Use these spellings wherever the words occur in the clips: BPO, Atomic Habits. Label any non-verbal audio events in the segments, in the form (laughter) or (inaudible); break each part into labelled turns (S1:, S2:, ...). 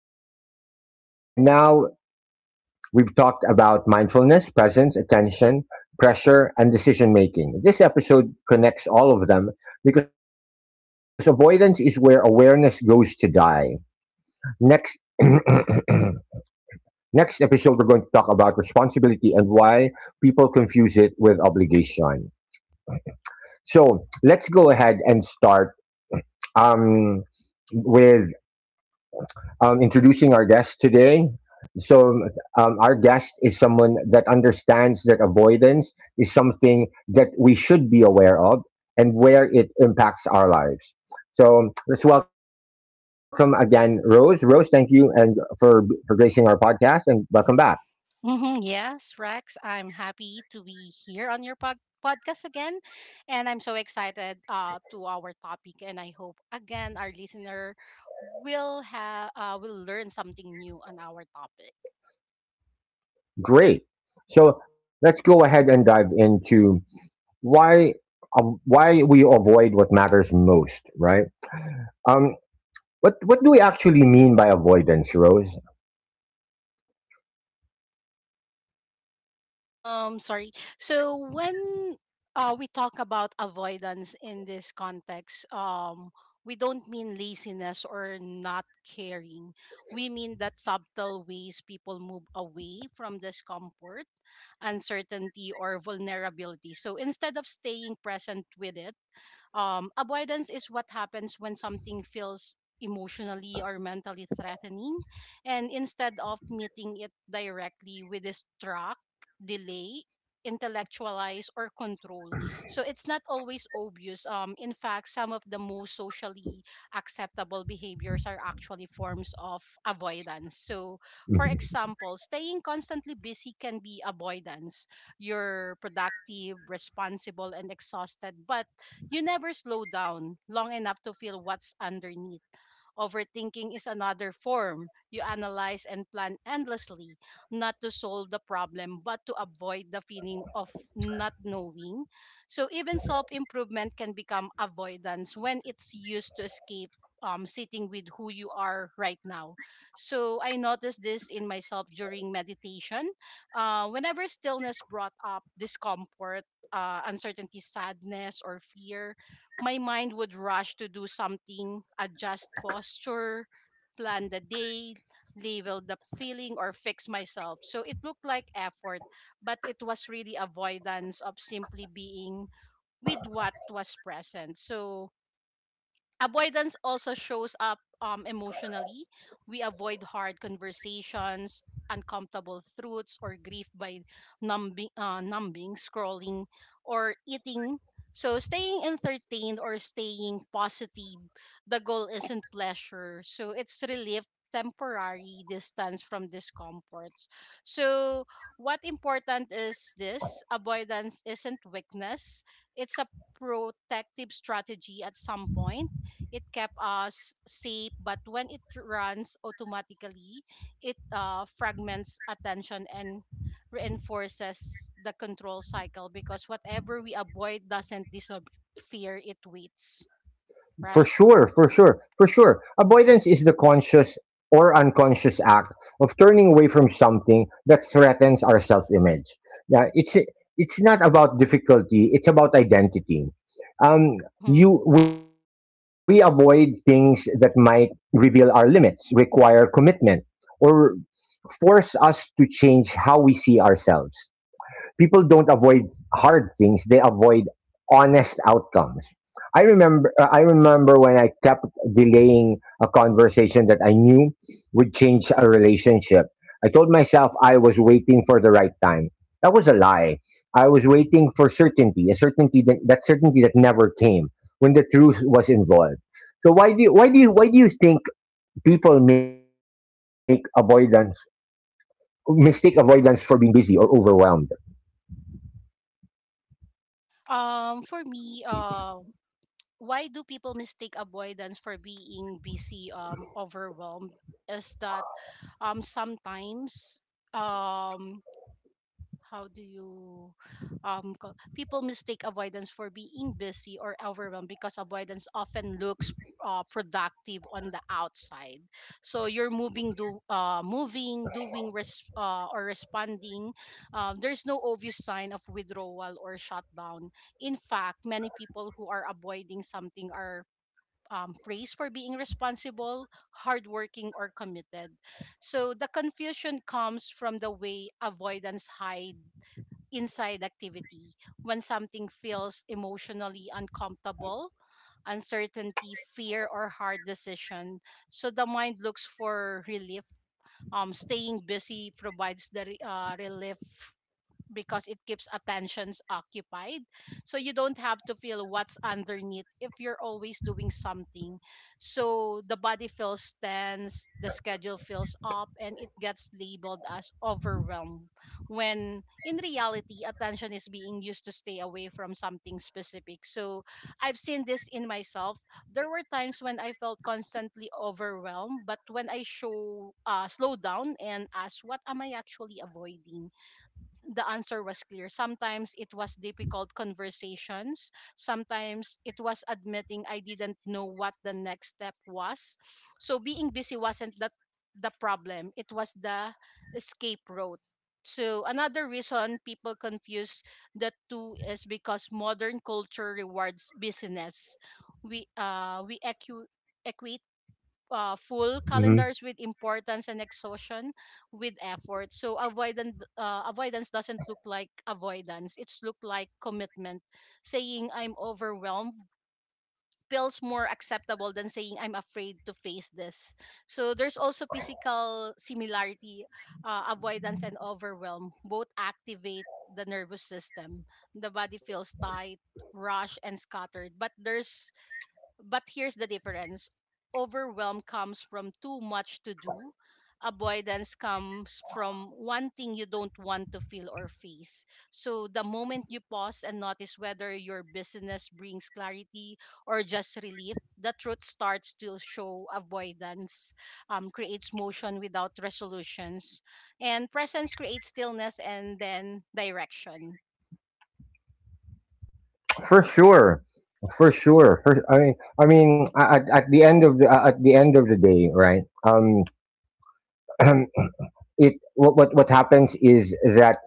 S1: matters most. By now, we've talked about mindfulness, presence, attention, pressure, and decision making. This episode connects all of them because avoidance is where awareness goes to die. Next. (clears throat) Next episode, we're going to talk about responsibility and why people confuse it with obligation. So let's go ahead and start um, with introducing our guest today. So, our guest is someone that understands that avoidance is something that we should be aware of and where it impacts our lives. So, let's welcome again Rose. Rose, thank you and for gracing our podcast and welcome back.
S2: Yes, Rex, I'm happy to be here on your podcast again. And I'm so excited to our topic. And I hope, again, our listener will have will learn something new on our topic.
S1: Great. So let's go ahead and dive into why, why we avoid what matters most, right? Um, what do we actually mean by avoidance, Rose?
S2: Sorry. So when we talk about avoidance in this context, we don't mean laziness or not caring. We mean that subtle ways people move away from discomfort, uncertainty, or vulnerability. So instead of staying present with it, avoidance is what happens when something feels emotionally or mentally threatening, and instead of meeting it directly, we distract, delay, intellectualize, or control. So it's not always obvious. In fact, some of the most socially acceptable behaviors are actually forms of avoidance. So, for
S1: Mm-hmm.
S2: example, staying constantly busy can be avoidance. You're productive, responsible, and exhausted, but you never slow down long enough to feel what's underneath. Overthinking is another form. You analyze and plan endlessly, not to solve the problem, but to avoid the feeling of not knowing. So, even self improvement can become avoidance when it's used to escape sitting with who you are right now. So, I noticed this in myself during meditation. Whenever stillness brought up discomfort, uncertainty, sadness, or fear, my mind would rush to do something, adjust posture, plan the day, label the feeling, or fix myself. So it looked like effort, but it was really avoidance of simply being with what was present. So avoidance also shows up emotionally. We avoid hard conversations, uncomfortable truths, or grief by numbing, scrolling, or eating. So, staying entertained or staying positive, the goal isn't pleasure. So, it's relief, temporary distance from discomforts. So, what important is this? Avoidance isn't weakness, it's a protective strategy at some point it kept us safe, but when it runs automatically it fragments attention and reinforces the control cycle because whatever we avoid doesn't disappear, it waits,
S1: For
S2: right?
S1: sure, for sure, for sure. Avoidance is the conscious or unconscious act of turning away from something that threatens our self-image. Yeah, it's not about difficulty; it's about identity. Um,
S2: Mm-hmm.
S1: you We avoid things that might reveal our limits, require commitment, or force us to change how we see ourselves. People don't avoid hard things; they avoid honest outcomes. I remember, I remember when I kept delaying a conversation that I knew would change a relationship. I told myself I was waiting for the right time. That was a lie. I was waiting for certainty, a certainty that never came when the truth was involved. So why do you think people make avoidance mistake avoidance for being busy or overwhelmed?
S2: For me Why do people mistake avoidance for being busy, overwhelmed? Is that sometimes um how do you co- People mistake avoidance for being busy or overwhelmed because avoidance often looks productive on the outside. So you're moving, or responding. There's no obvious sign of withdrawal or shutdown. In fact, many people who are avoiding something are praised for being responsible, hardworking, or committed. So the confusion comes from the way avoidance hide inside activity. When something feels emotionally uncomfortable, uncertainty, fear, or hard decision. So the mind looks for relief. Staying busy provides the relief because it keeps attentions occupied. So you don't have to feel what's underneath if you're always doing something. So the body feels tense, the schedule fills up, and it gets labeled as overwhelmed. When in reality, attention is being used to stay away from something specific. So I've seen this in myself. There were times when I felt constantly overwhelmed, but when I show slow down and ask, what am I actually avoiding? The answer was clear. Sometimes it was difficult conversations. Sometimes it was admitting I didn't know what the next step was. So being busy wasn't the problem. It was the escape route. So another reason people confuse the two is because modern culture rewards business. We equate full
S1: Mm-hmm.
S2: calendars with importance and exhaustion with effort. So avoidance doesn't look like avoidance. It's look like commitment. Saying I'm overwhelmed feels more acceptable than saying I'm afraid to face this. So there's also physical similarity, avoidance and overwhelm both activate the nervous system. The body feels tight, rushed, and scattered. But here's the difference. Overwhelm comes from too much to do, avoidance comes from one thing you don't want to feel or face. So the moment you pause and notice whether your business brings clarity or just relief, the truth starts to show. Avoidance creates motion without resolutions, and presence creates stillness and then direction.
S1: For sure, for sure. For, I mean, at the end of the at the end of the day, right? (clears throat) What happens is that,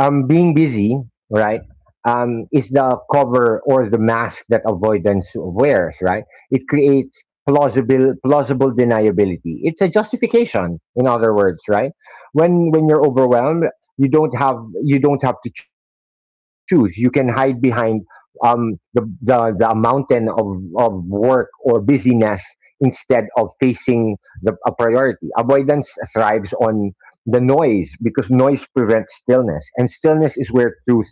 S1: being busy, right, is the cover or the mask that avoidance wears, right? It creates plausible deniability. It's a justification, in other words, right? When, you're overwhelmed, you don't have to choose. You can hide behind, the, the mountain of work or busyness instead of facing the a priority. Avoidance thrives on the noise because noise prevents stillness, and stillness is where truth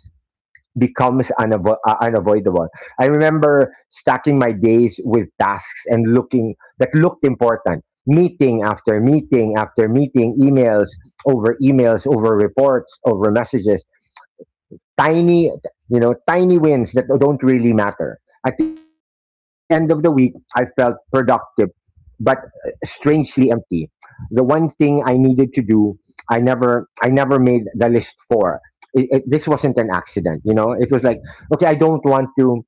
S1: becomes unavoidable. I remember stacking my days with tasks and looking that looked important: meeting after meeting after meeting, emails over emails over reports over messages, tiny, you know, tiny wins that don't really matter. At the end of the week, I felt productive but strangely empty. The one thing I needed to do, I never made the list for. This wasn't an accident, you know. It was like, okay, I don't want to,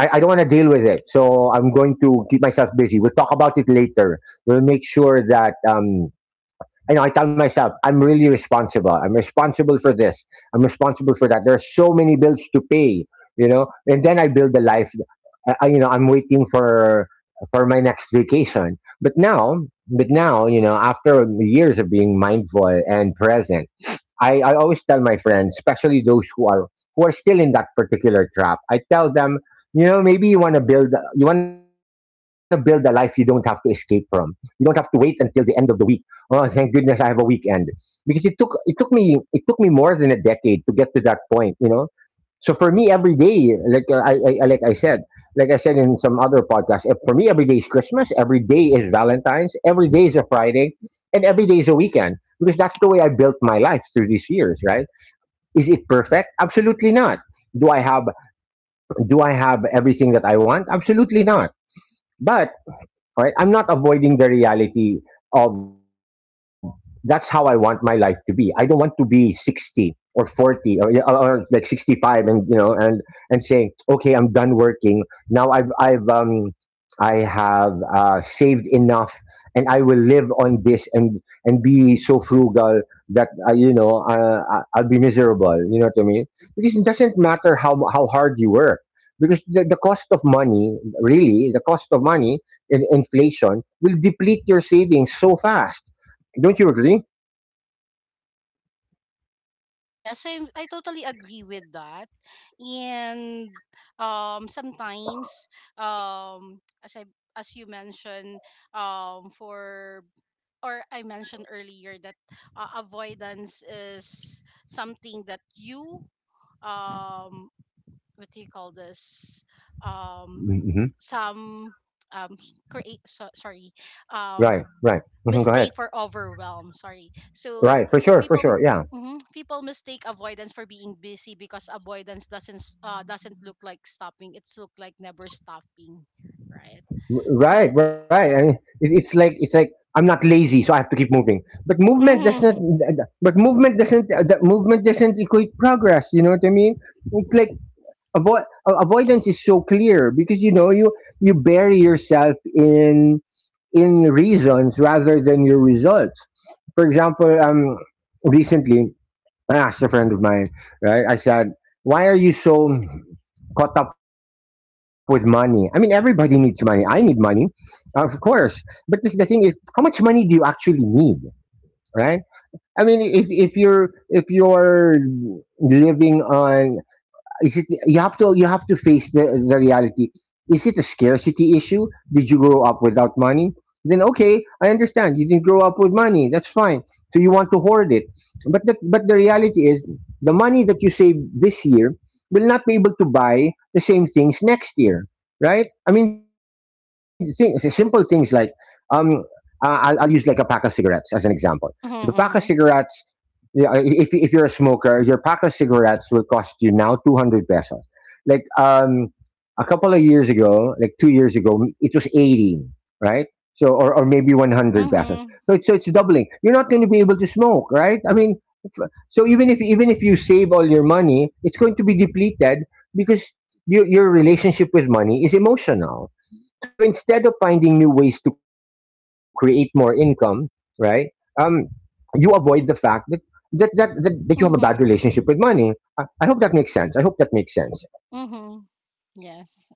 S1: I don't want to deal with it, so I'm going to keep myself busy. We'll talk about it later. We'll make sure that. You know, I tell myself, I'm really responsible. I'm responsible for this. I'm responsible for that. There are so many bills to pay, you know, and then I build a life. You know, I'm waiting for my next vacation. But now, you know, after years of being mindful and present, I always tell my friends, especially those who are, still in that particular trap. I tell them, you know, maybe you want to build, a life you don't have to escape from. You don't have to wait until the end of the week. Oh, thank goodness I have a weekend, because it took me more than a decade to get to that point. You know, so for me, every day, like, like I said, in some other podcast, eh, for me, every day is Christmas. Every day is Valentine's. Every day is a Friday, and every day is a weekend because that's the way I built my life through these years, right? Is it perfect? Absolutely not. Do I have Do I have everything that I want? Absolutely not. But, right, I'm not avoiding the reality of, that's how I want my life to be. I don't want to be 60 or 40, or, yeah, or, like 65, and, you know, and, saying, okay, I'm done working now. I've, I have, saved enough, and I will live on this, and be so frugal that, I'll be miserable. You know what I mean? Because it doesn't matter how hard you work, because the, cost of money, really, the cost of money in inflation will deplete your savings so fast. Don't you agree?
S2: Yes, I totally agree with that. And sometimes as I as you mentioned, for or I mentioned earlier that avoidance is something that you um what do you call this um
S1: Hmm.
S2: some um create so, sorry
S1: Right,
S2: um
S1: right. Hmm. Go
S2: mistake
S1: ahead.
S2: for overwhelm. Sorry. So
S1: Right, for sure, for
S2: people
S1: sure. Yeah.
S2: mhm, people mistake avoidance for being busy because avoidance doesn't look like stopping, it's look like never stopping, right?
S1: R- Right,
S2: So
S1: right. And it's like, I'm not lazy, so I have to keep moving. But movement doesn't.
S2: mhm
S1: But movement doesn't. That movement doesn't equate progress. You know what I mean? It's like, avoidance is so clear because, you know, you bury yourself in, reasons rather than your results. For example, recently I asked a friend of mine, right? I said, why are you so caught up with money? I mean, everybody needs money. I need money, of course. But the, thing is, how much money do you actually need, right? I mean, if you're, living on, is it, you have to face the, reality. Is it a scarcity issue? Did you grow up without money? Then okay, I understand, you didn't grow up with money, that's fine. So you want to hoard it. But the, reality is, the money that you save this year will not be able to buy the same things next year, right? I mean, simple things, like, um I'll use like a pack of cigarettes as an example. The pack of
S2: mhm mhm
S1: cigarettes, yeah, if you're a smoker, your pack of cigarettes will cost you now 200 pesos. Like, a couple of years ago, like 2 years ago, it was 18, right? So, or, maybe 100 pesos.
S2: mhm
S1: So it's, doubling. You're not going to be able to smoke, right? I mean, so, even if you save all your money, it's going to be depleted, because your, relationship with money is emotional. So instead of finding new ways to create more income, right? Um, you avoid the fact that, that you have a bad
S2: mhm
S1: relationship with money. I hope that makes sense. I hope that makes sense.
S2: mhm yes.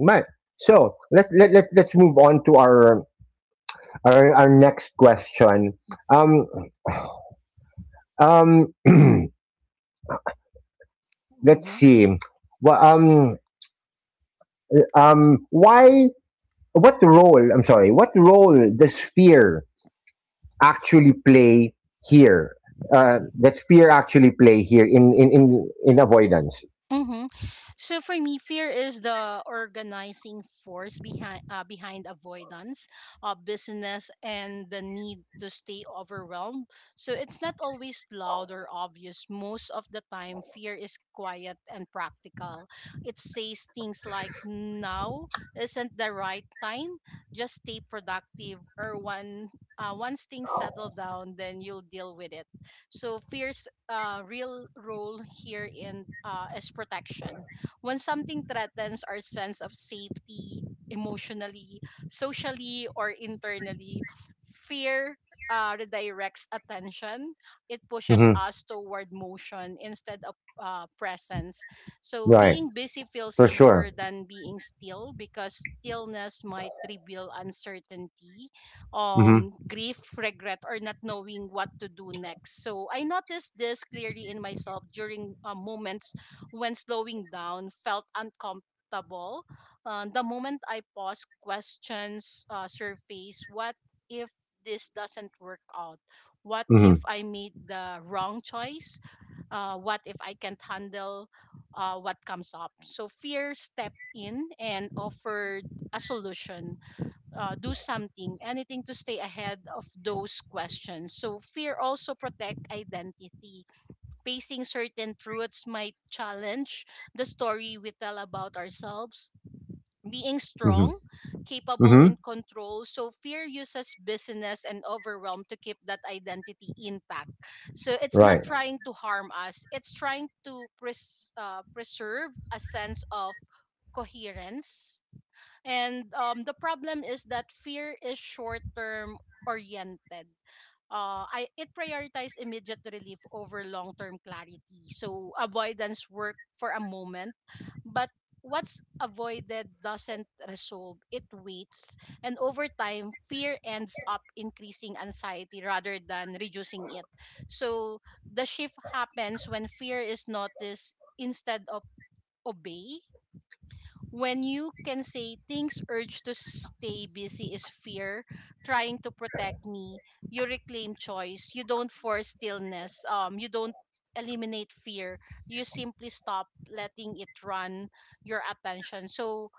S1: Right. So let's, let's move on to our, our next question. Um um (clears throat) let's
S2: mhm
S1: see. Well, why what role, what role does fear actually play here? That fear actually play here in avoidance.
S2: Mm-hmm. So for me, fear is the organizing force behind avoidance, business, and the need to stay overwhelmed. So it's not always loud or obvious. Most of the time, fear is quiet and practical. It says things like "now isn't the right time. Just stay productive." Or one once things settle down, then you'll deal with it. So fear real role here in is protection. When something threatens our sense of safety, emotionally, socially, or internally, fear redirects attention. It pushes
S1: Hmm.
S2: us toward motion instead of presence. So
S1: Right.
S2: being busy feels
S1: For sure.
S2: safer than being still because stillness might reveal uncertainty,
S1: Mm-hmm.
S2: grief, regret, or not knowing what to do next. So I noticed this clearly in myself during moments when slowing down felt uncomfortable. The moment I paused, questions surface. What if this doesn't work out? What
S1: Mm-hmm.
S2: if I made the wrong choice? What if I can't handle what comes up? So fear stepped in and offered a solution, do something, anything to stay ahead of those questions. So fear also protect identity. Facing certain truths might challenge the story we tell about ourselves. Being
S1: Mm-hmm.
S2: strong, capable,
S1: Mm-hmm.
S2: in control. So fear uses business and overwhelm to keep that identity intact. So it's not
S1: Right.
S2: trying to harm us. It's trying to preserve a sense of coherence. And the problem is that fear is short term oriented. I it prioritizes immediate relief over long term clarity. So avoidance work for a moment, but what's avoided doesn't resolve. It waits, and over time, fear ends up increasing anxiety rather than reducing it. So the shift happens when fear is noticed instead of obey. When you can say things urge to stay busy is fear trying to protect me, you reclaim choice. You don't force stillness. You don't eliminate fear, you simply stop letting it run your attention. So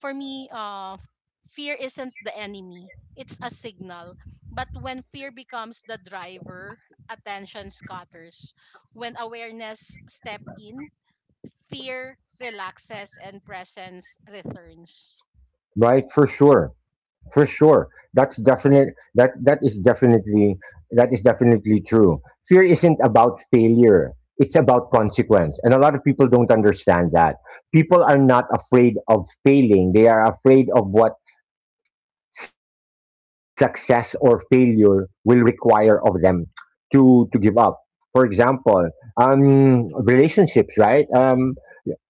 S2: for me, fear isn't the enemy, it's a signal. But when fear becomes the driver, attention scatters. When awareness step in, fear relaxes and presence returns.
S1: Right. For sure. For sure. That's definite. That is definitely true. Fear isn't about failure. It's about consequence, and a lot of people don't understand that. People are not afraid of failing. They are afraid of what success or failure will require of them, to give up. For example, relationships, right? Um,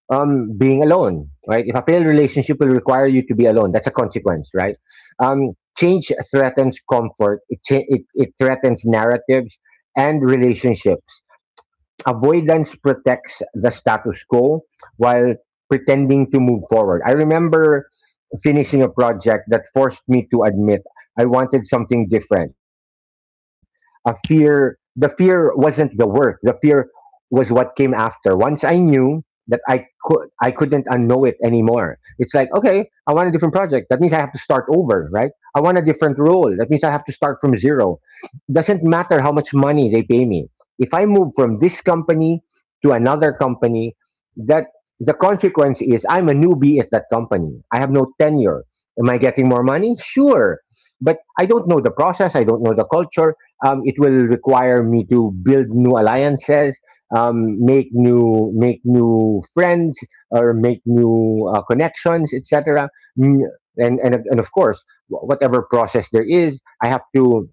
S1: um, Being alone, right? If a failed relationship will require you to be alone, that's a consequence, right? Change threatens comfort. It threatens narratives and relationships. Avoidance protects the status quo while pretending to move forward. I remember finishing a project that forced me to admit I wanted something different. The fear wasn't the work. The fear was what came after. Once I knew that, I couldn't unknow it anymore. It's like, okay, I want a different project. That means I have to start over, right? I want a different role. That means I have to start from zero. Doesn't matter how much money they pay me; if I move from this company to another company, that, the consequence is I'm a newbie at that company. I have no tenure. Am I getting more money? Sure. But I don't know the process. I don't know the culture. It will require me to build new alliances, make new friends, or make new, connections, etc. Mm. And, and of course, whatever process there is,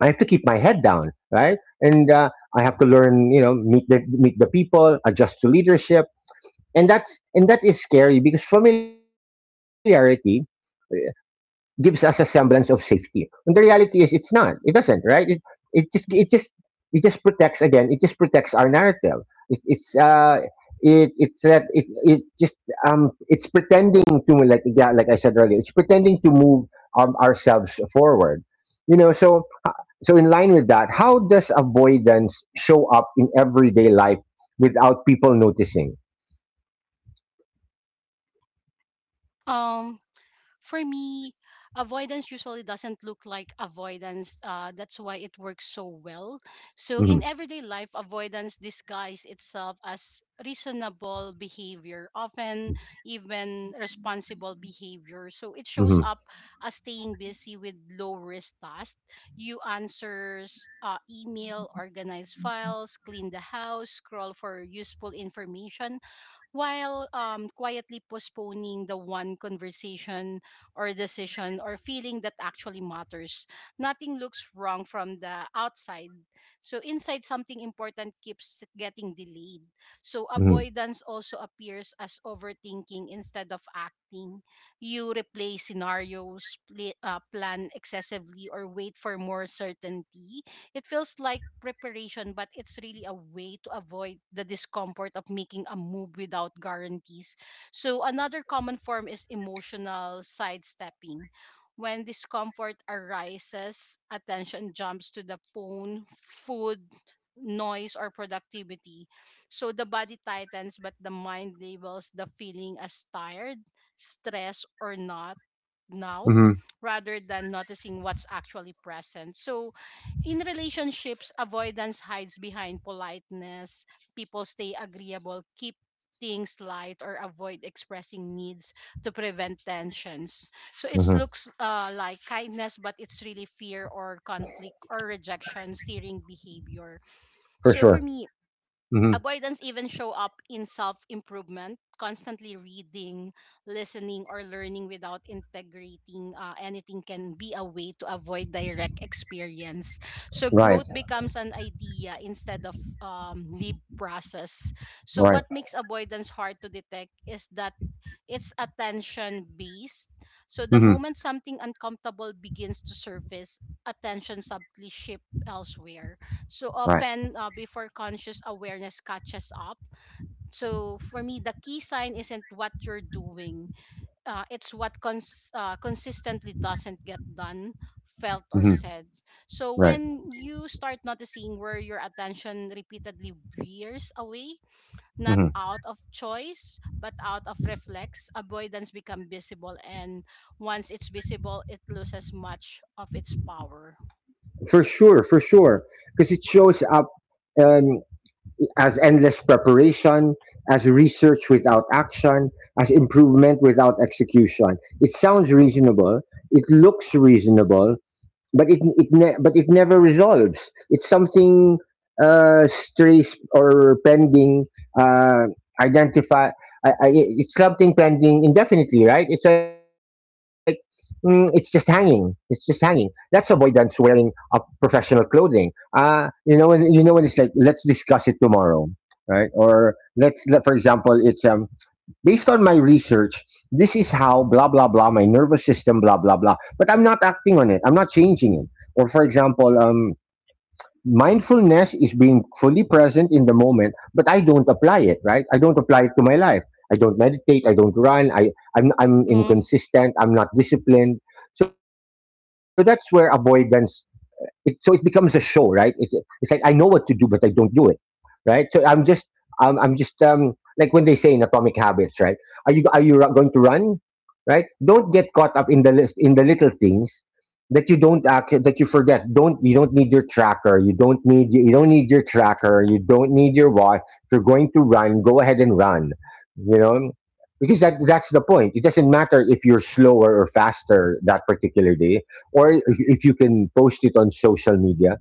S1: I have to keep my head down, right? And, I have to learn, you know, meet the people, adjust to leadership, and that is scary, because familiarity gives us a semblance of safety. And the reality is, it's not. It doesn't, right? It just it just it just protects again, it just protects our narrative. It, it's uh it it's that it just It's pretending to, like, yeah, like I said earlier, it's pretending to move ourselves forward. You know, so uh, so in line with that, how does avoidance show up in everyday life without people noticing?
S2: Um, for me, avoidance usually doesn't look like avoidance. That's why it works so well. So,
S1: hmm
S2: in everyday life, avoidance disguises itself as reasonable behavior, often even responsible behavior. So, it shows
S1: hmm
S2: up as staying busy with low risk tasks. You answers email, organize files, clean the house, scroll for useful information while quietly postponing the one conversation or decision or feeling that actually matters. Nothing looks wrong from the outside. So, inside, something important keeps getting delayed. So,
S1: hmm
S2: avoidance also appears as overthinking instead of acting. You replay scenarios, plan excessively, or wait for more certainty. It feels like preparation, but it's really a way to avoid the discomfort of making a move without guarantees. So, another common form is emotional sidestepping. When discomfort arises, attention jumps to the phone, food, noise, or productivity. So the body tightens, but the mind labels the feeling as tired, stressed, or not now,
S1: hmm
S2: rather than noticing what's actually present. So in relationships, avoidance hides behind politeness. People stay agreeable, keep things light, or avoid expressing needs to prevent tensions. So it
S1: hmm
S2: looks like kindness, but it's really fear or conflict or rejection steering behavior.
S1: For
S2: So for
S1: sure.
S2: me,
S1: hmm
S2: avoidance even show up in self-improvement. Constantly reading, listening, or learning without integrating anything can be a way to avoid direct experience. So
S1: Right.
S2: growth becomes an idea instead of live process. So
S1: Right.
S2: what makes avoidance hard to detect is that it's attention based. So the
S1: hmm
S2: moment something uncomfortable begins to surface, attention subtly shifts elsewhere. So
S1: Right.
S2: often before conscious awareness catches up. So for me, the key sign isn't what you're doing, it's what consistently doesn't get done, felt, or
S1: hmm
S2: said. So
S1: Right.
S2: when you start noticing where your attention repeatedly veers away, not
S1: hmm
S2: out of choice but out of reflex, avoidance become visible, and once it's visible it loses much of its power.
S1: For sure. For sure. Because it shows up um, as endless preparation, as research without action, as improvement without execution. It sounds reasonable. It looks reasonable, but it never resolves. It's something strays or pending uh, identify. It's something pending indefinitely, right? It's like mm, it's just hanging. It's just hanging. That's avoidance wearing a professional clothing. You know, and you know when it's like let's discuss it tomorrow, right? Or let's, for example, it's based on my research, this is how blah blah blah my nervous system blah blah blah. But I'm not acting on it. I'm not changing it. Or for example, mindfulness is being fully present in the moment, but I don't apply it. Right? I don't apply it to my life. I don't meditate. I don't run. I'm
S2: mhm
S1: inconsistent. I'm not disciplined. So that's where avoidance. So it becomes a show, right? It, it's like I know what to do, but I don't do it, right? So I'm just um, I'm just um, like when they say in Atomic Habits, right? Are you going to run, right? Don't get caught up in the list, in the little things that you don't act, that you forget. Don't you don't need your tracker. You don't need your tracker. You don't need your watch. If you're going to run, go ahead and run. You know. Because that, that's the point. It doesn't matter if you're slower or faster that particular day, or if you can post it on social media,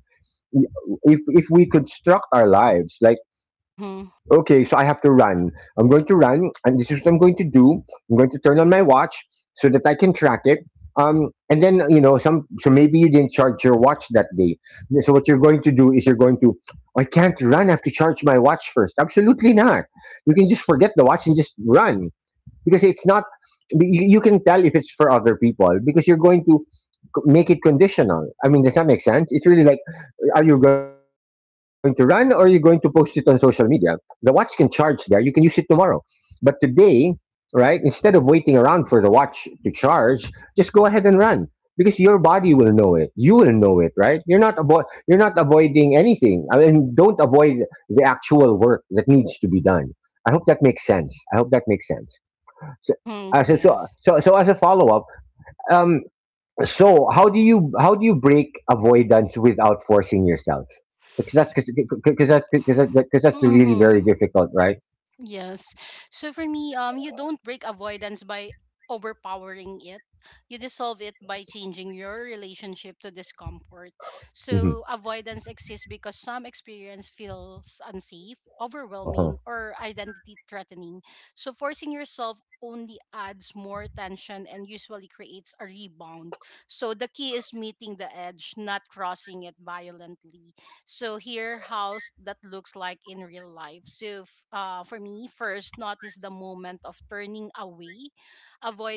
S1: if we construct our lives like,
S2: mhm
S1: okay, so I have to run, I'm going to run, and this is what I'm going to do, I'm going to turn on my watch so that I can track it. And then, you know, some, so maybe you didn't charge your watch that day, so what you're going to do is you're going to, I can't run, I have to charge my watch first, absolutely not. You can just forget the watch and just run, because it's not, you, you can tell if it's for other people because you're going to make it conditional. I mean, does that make sense? It's really like, are you going to run or are you going to post it on social media? The watch can charge there. You can use it tomorrow. But today, right, instead of waiting around for the watch to charge, just go ahead and run, because your body will know it. You will know it, right? You're not avoiding anything. I mean, don't avoid the actual work that needs to be done. I hope that makes sense. I hope that makes sense. So,
S2: mhm
S1: uh, so, so,
S2: yes.
S1: so, so as a follow up, um, so how do you break avoidance without forcing yourself? Because that's really very
S2: mhm
S1: difficult, right?
S2: Yes. So for me, you don't break avoidance by overpowering it. You dissolve it by changing your relationship to discomfort.
S1: Mm-hmm.
S2: So avoidance exists because some experience feels unsafe,
S1: Uh-huh.
S2: overwhelming, or identity threatening. So forcing yourself only adds more tension and usually creates a rebound. So the key is meeting the edge, not crossing it violently. So here, house that looks like in real life. For me, first notice the moment of turning away.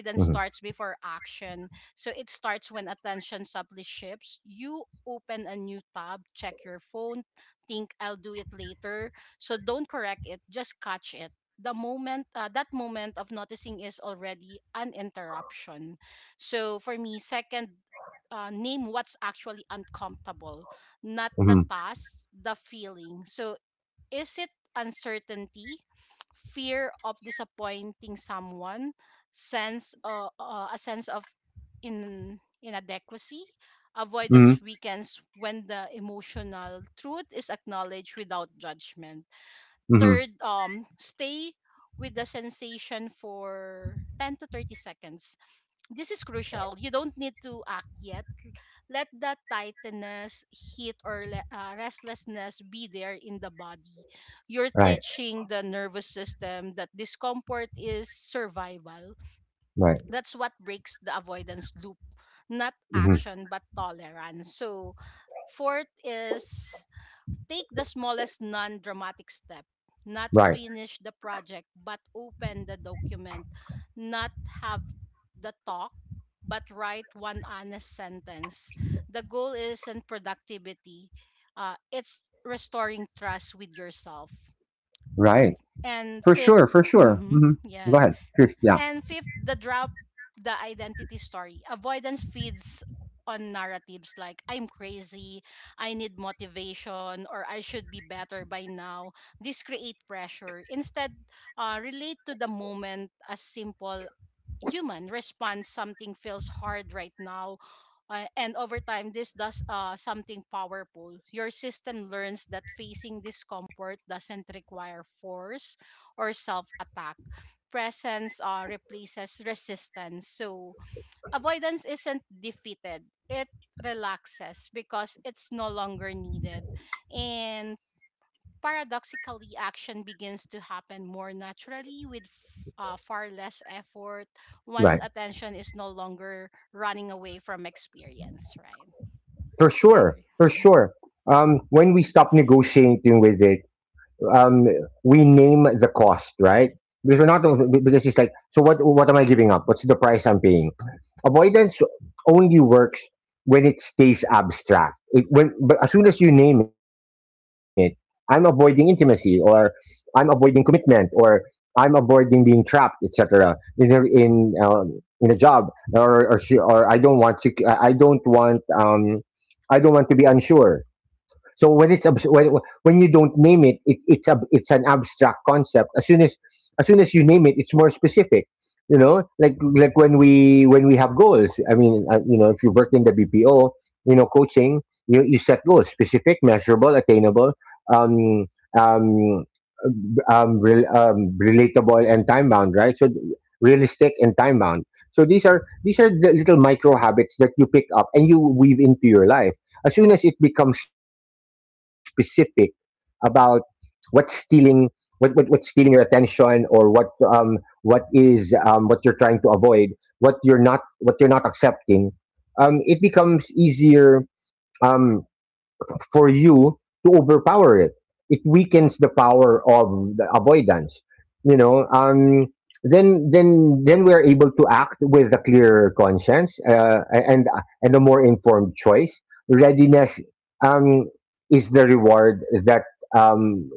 S1: Mm-hmm.
S2: starts before action. So it starts when attention subtly shifts. You open a new tab, check your phone, think I'll do it later. So don't correct it, just catch it. That moment of noticing is already an interruption. So for me, second, name what's actually uncomfortable, not the
S1: Mm-hmm.
S2: task, the feeling. So, is it uncertainty, fear of disappointing someone, sense a sense of in inadequacy?
S1: Mm-hmm.
S2: Avoidance weakens when the emotional truth is acknowledged without judgment.
S1: Mm-hmm.
S2: Third, stay with the sensation for 10 to 30 seconds. This is crucial. You don't need to act yet. Let that tightness, heat, or restlessness be there in the body. You're
S1: Right.
S2: teaching the nervous system that discomfort is survival.
S1: Right.
S2: That's what breaks the avoidance loop, not
S1: Mm-hmm.
S2: action, but tolerance. So, fourth is, take the smallest non dramatic step, not
S1: Right.
S2: finish the project, but open the document, not have the talk, but write one honest sentence. The goal isn't productivity, it's restoring trust with yourself, right?
S1: Right.
S2: And
S1: For
S2: 5th
S1: sure. For sure.
S2: (laughs)
S1: Mm-hmm. Go
S2: yes.
S1: ahead. Yeah.
S2: And fifth, the drop the identity story. Avoidance feeds on narratives like I'm crazy, I need motivation, or I should be better by now. This create pressure. Instead, relate to the moment as simple human response, something feels hard right now, and over time this does something powerful. Your system learns that facing discomfort doesn't require force or self attack. Presence replaces resistance. So avoidance isn't defeated, it relaxes because it's no longer needed. And paradoxically, action begins to happen more naturally with far less effort once
S1: Right.
S2: attention is no longer running away from experience, right?
S1: For
S2: Do you
S1: sure.
S2: agree?
S1: For
S2: (laughs)
S1: sure. When we stop negotiating with it, um, we name the cost, right? Because we're not, because it's like, so what? What am I giving up? What's the price I'm paying? Avoidance only works when it stays abstract. It, when, but as soon as you name it, I'm avoiding intimacy, or I'm avoiding commitment, or I'm avoiding being trapped, etc. In a job, or I don't want to. I don't want. I don't want to be unsure. So when it's abs- when, when you don't name it, it's an abstract concept. As soon as you name it, it's more specific. You know, like when we have goals. I mean, you know, if you work in the BPO, you know, coaching, you set goals: specific, measurable, attainable, um, um, rel relatable, and time bound. Right. So realistic and time bound. So these are the little micro habits that you pick up and you weave into your life as soon as it becomes specific about what's stealing, what what's stealing your attention, or um what is what you're trying to avoid, what you're not, what you're not accepting. It becomes easier um for you to overpower it. It weakens the power of the avoidance. You know, then we are able to act with a clear conscience, and a more informed choice. Readiness um, is the reward that um,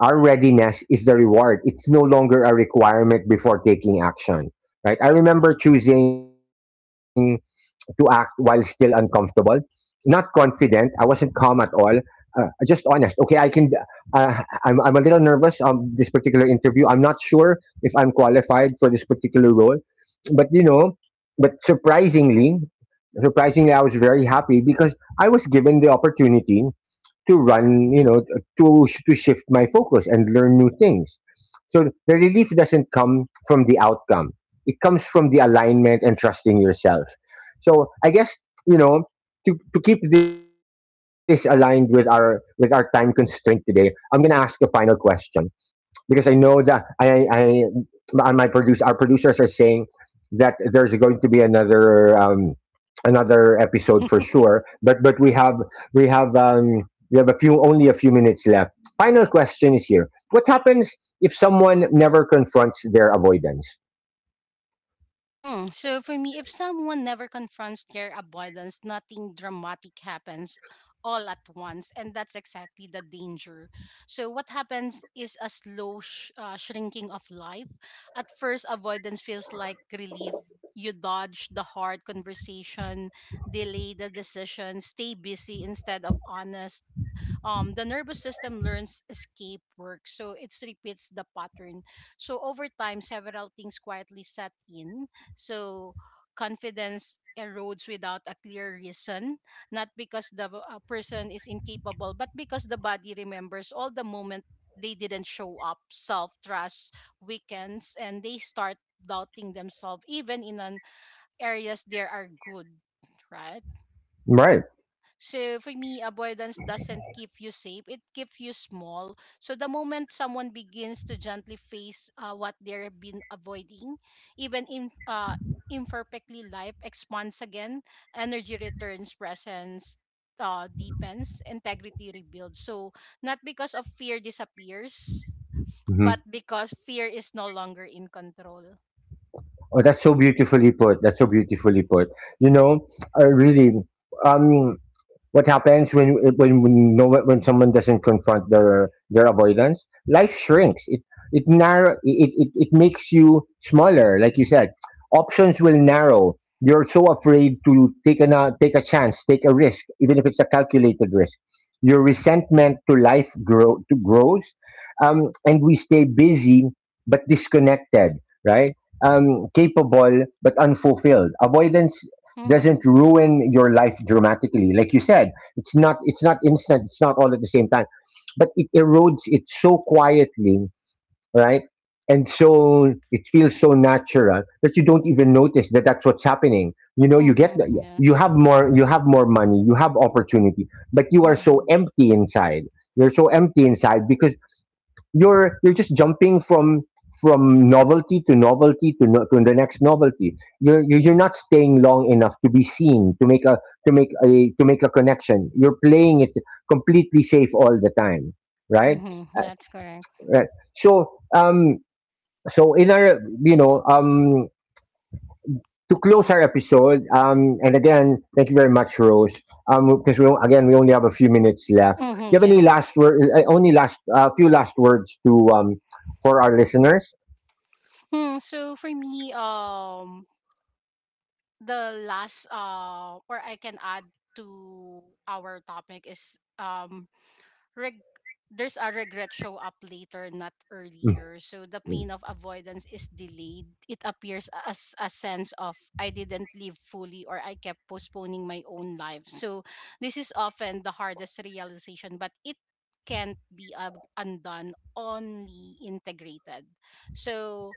S1: our readiness is the reward. It's no longer a requirement before taking action. Right. I remember choosing to act while still uncomfortable. Not confident. I wasn't calm at all. Just honest. Okay, I can. I'm a little nervous. This particular interview. I'm not sure if I'm qualified for this particular role, but you know, but surprisingly, surprisingly, I was very happy because I was given the opportunity to run, you know, to shift my focus and learn new things. So the relief doesn't come from the outcome; it comes from the alignment and trusting yourself. So I guess, you know, to keep this aligned with our time constraint today, I'm gonna ask a final question, because I know that I my my produce our producers are saying that there's going to be another another episode for sure. But we have we have a few, only a few minutes left. Final question is here: What happens if someone never confronts their avoidance?
S2: Hmm. So for me, if someone never confronts their avoidance, nothing dramatic happens all at once, and that's exactly the danger. So what happens is a slow shrinking of life. At first, avoidance feels like relief. You dodge the hard conversation, delay the decision, stay busy instead of honest. The nervous system learns escape work, so it repeats the pattern. So over time, several things quietly set in. So confidence erodes without a clear reason, not because the person is incapable, but because the body remembers all the moment they didn't show up. Self trust weakens, and they start doubting themselves, even in an areas there are good. Right.
S1: Right.
S2: So for me, avoidance doesn't keep you safe, it keeps you small. So the moment someone begins to gently face what they've been avoiding, even in imperfectly, life expands again, energy returns, presence deepens, integrity rebuilds. So not because of fear disappears,
S1: hmm
S2: but because fear is no longer in control.
S1: Oh, that's so beautifully put. That's so beautifully put. You know, really. Um, what happens when someone doesn't confront their avoidance, life shrinks it, it narrow it, it it makes you smaller, like you said, options will narrow. You're so afraid to take an, take a chance, take a risk, even if it's a calculated risk. Your resentment to life grow to grows, and we stay busy but disconnected, right, capable but unfulfilled. Avoidance doesn't
S2: Mm-hmm.
S1: ruin your life dramatically, like you said. It's not, it's not instant, it's not all at the same time, but it erodes it so quietly, right, and so it feels so natural that you don't even notice that that's what's happening. You know, you get
S2: Mm-hmm.
S1: you
S2: Yes.
S1: have more, you have more money, you have opportunity, but you are so
S2: Mm-hmm.
S1: empty inside. You're so empty inside because you're just jumping from novelty to novelty to no, to the next novelty. You're not staying long enough to be seen, to make a, to make a, to make a connection. You're playing it completely safe all the time, right?
S2: Mm-hmm.
S1: Uh,
S2: That's correct.
S1: right. So so in our, you know, to close our episode, and again thank you very much, Rose, because we do, again, we only have a few minutes left. Do you
S2: Mm-hmm.
S1: have any last
S2: Yes.
S1: word? Only last a few last words to for our listeners.
S2: Hmm. So for me, the last or I can add to our topic is, reg- there's a regret show up later, not
S1: Mm,
S2: earlier. So the pain
S1: mm.
S2: of avoidance is delayed. It appears as a sense of I didn't live fully or I kept postponing my own life. So this is often the hardest realization, but it can't be undone, only integrated. So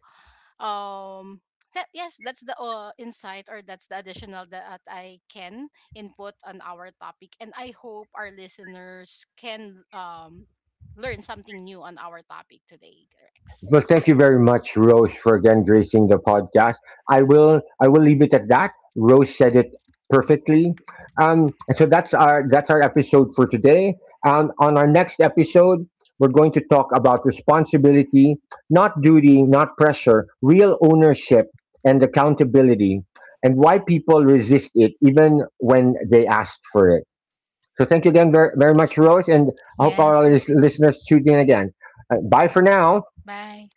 S2: um that yes that's the insight or that's the additional that I can input on our topic, and I hope our listeners can learn something new on our topic today, Rex.
S1: Well, thank you very much, Rose, for again gracing the podcast. I will leave it at that. Rose said it perfectly. So that's our episode for today. On our next episode, we're going to talk about responsibility, not duty, not pressure, real ownership and accountability, and why people resist it even when they ask for it. So thank you again very, very much, Rose, and I hope all
S2: Yes,
S1: our
S2: thank you,
S1: listeners tune in again. Bye for now.
S2: bye.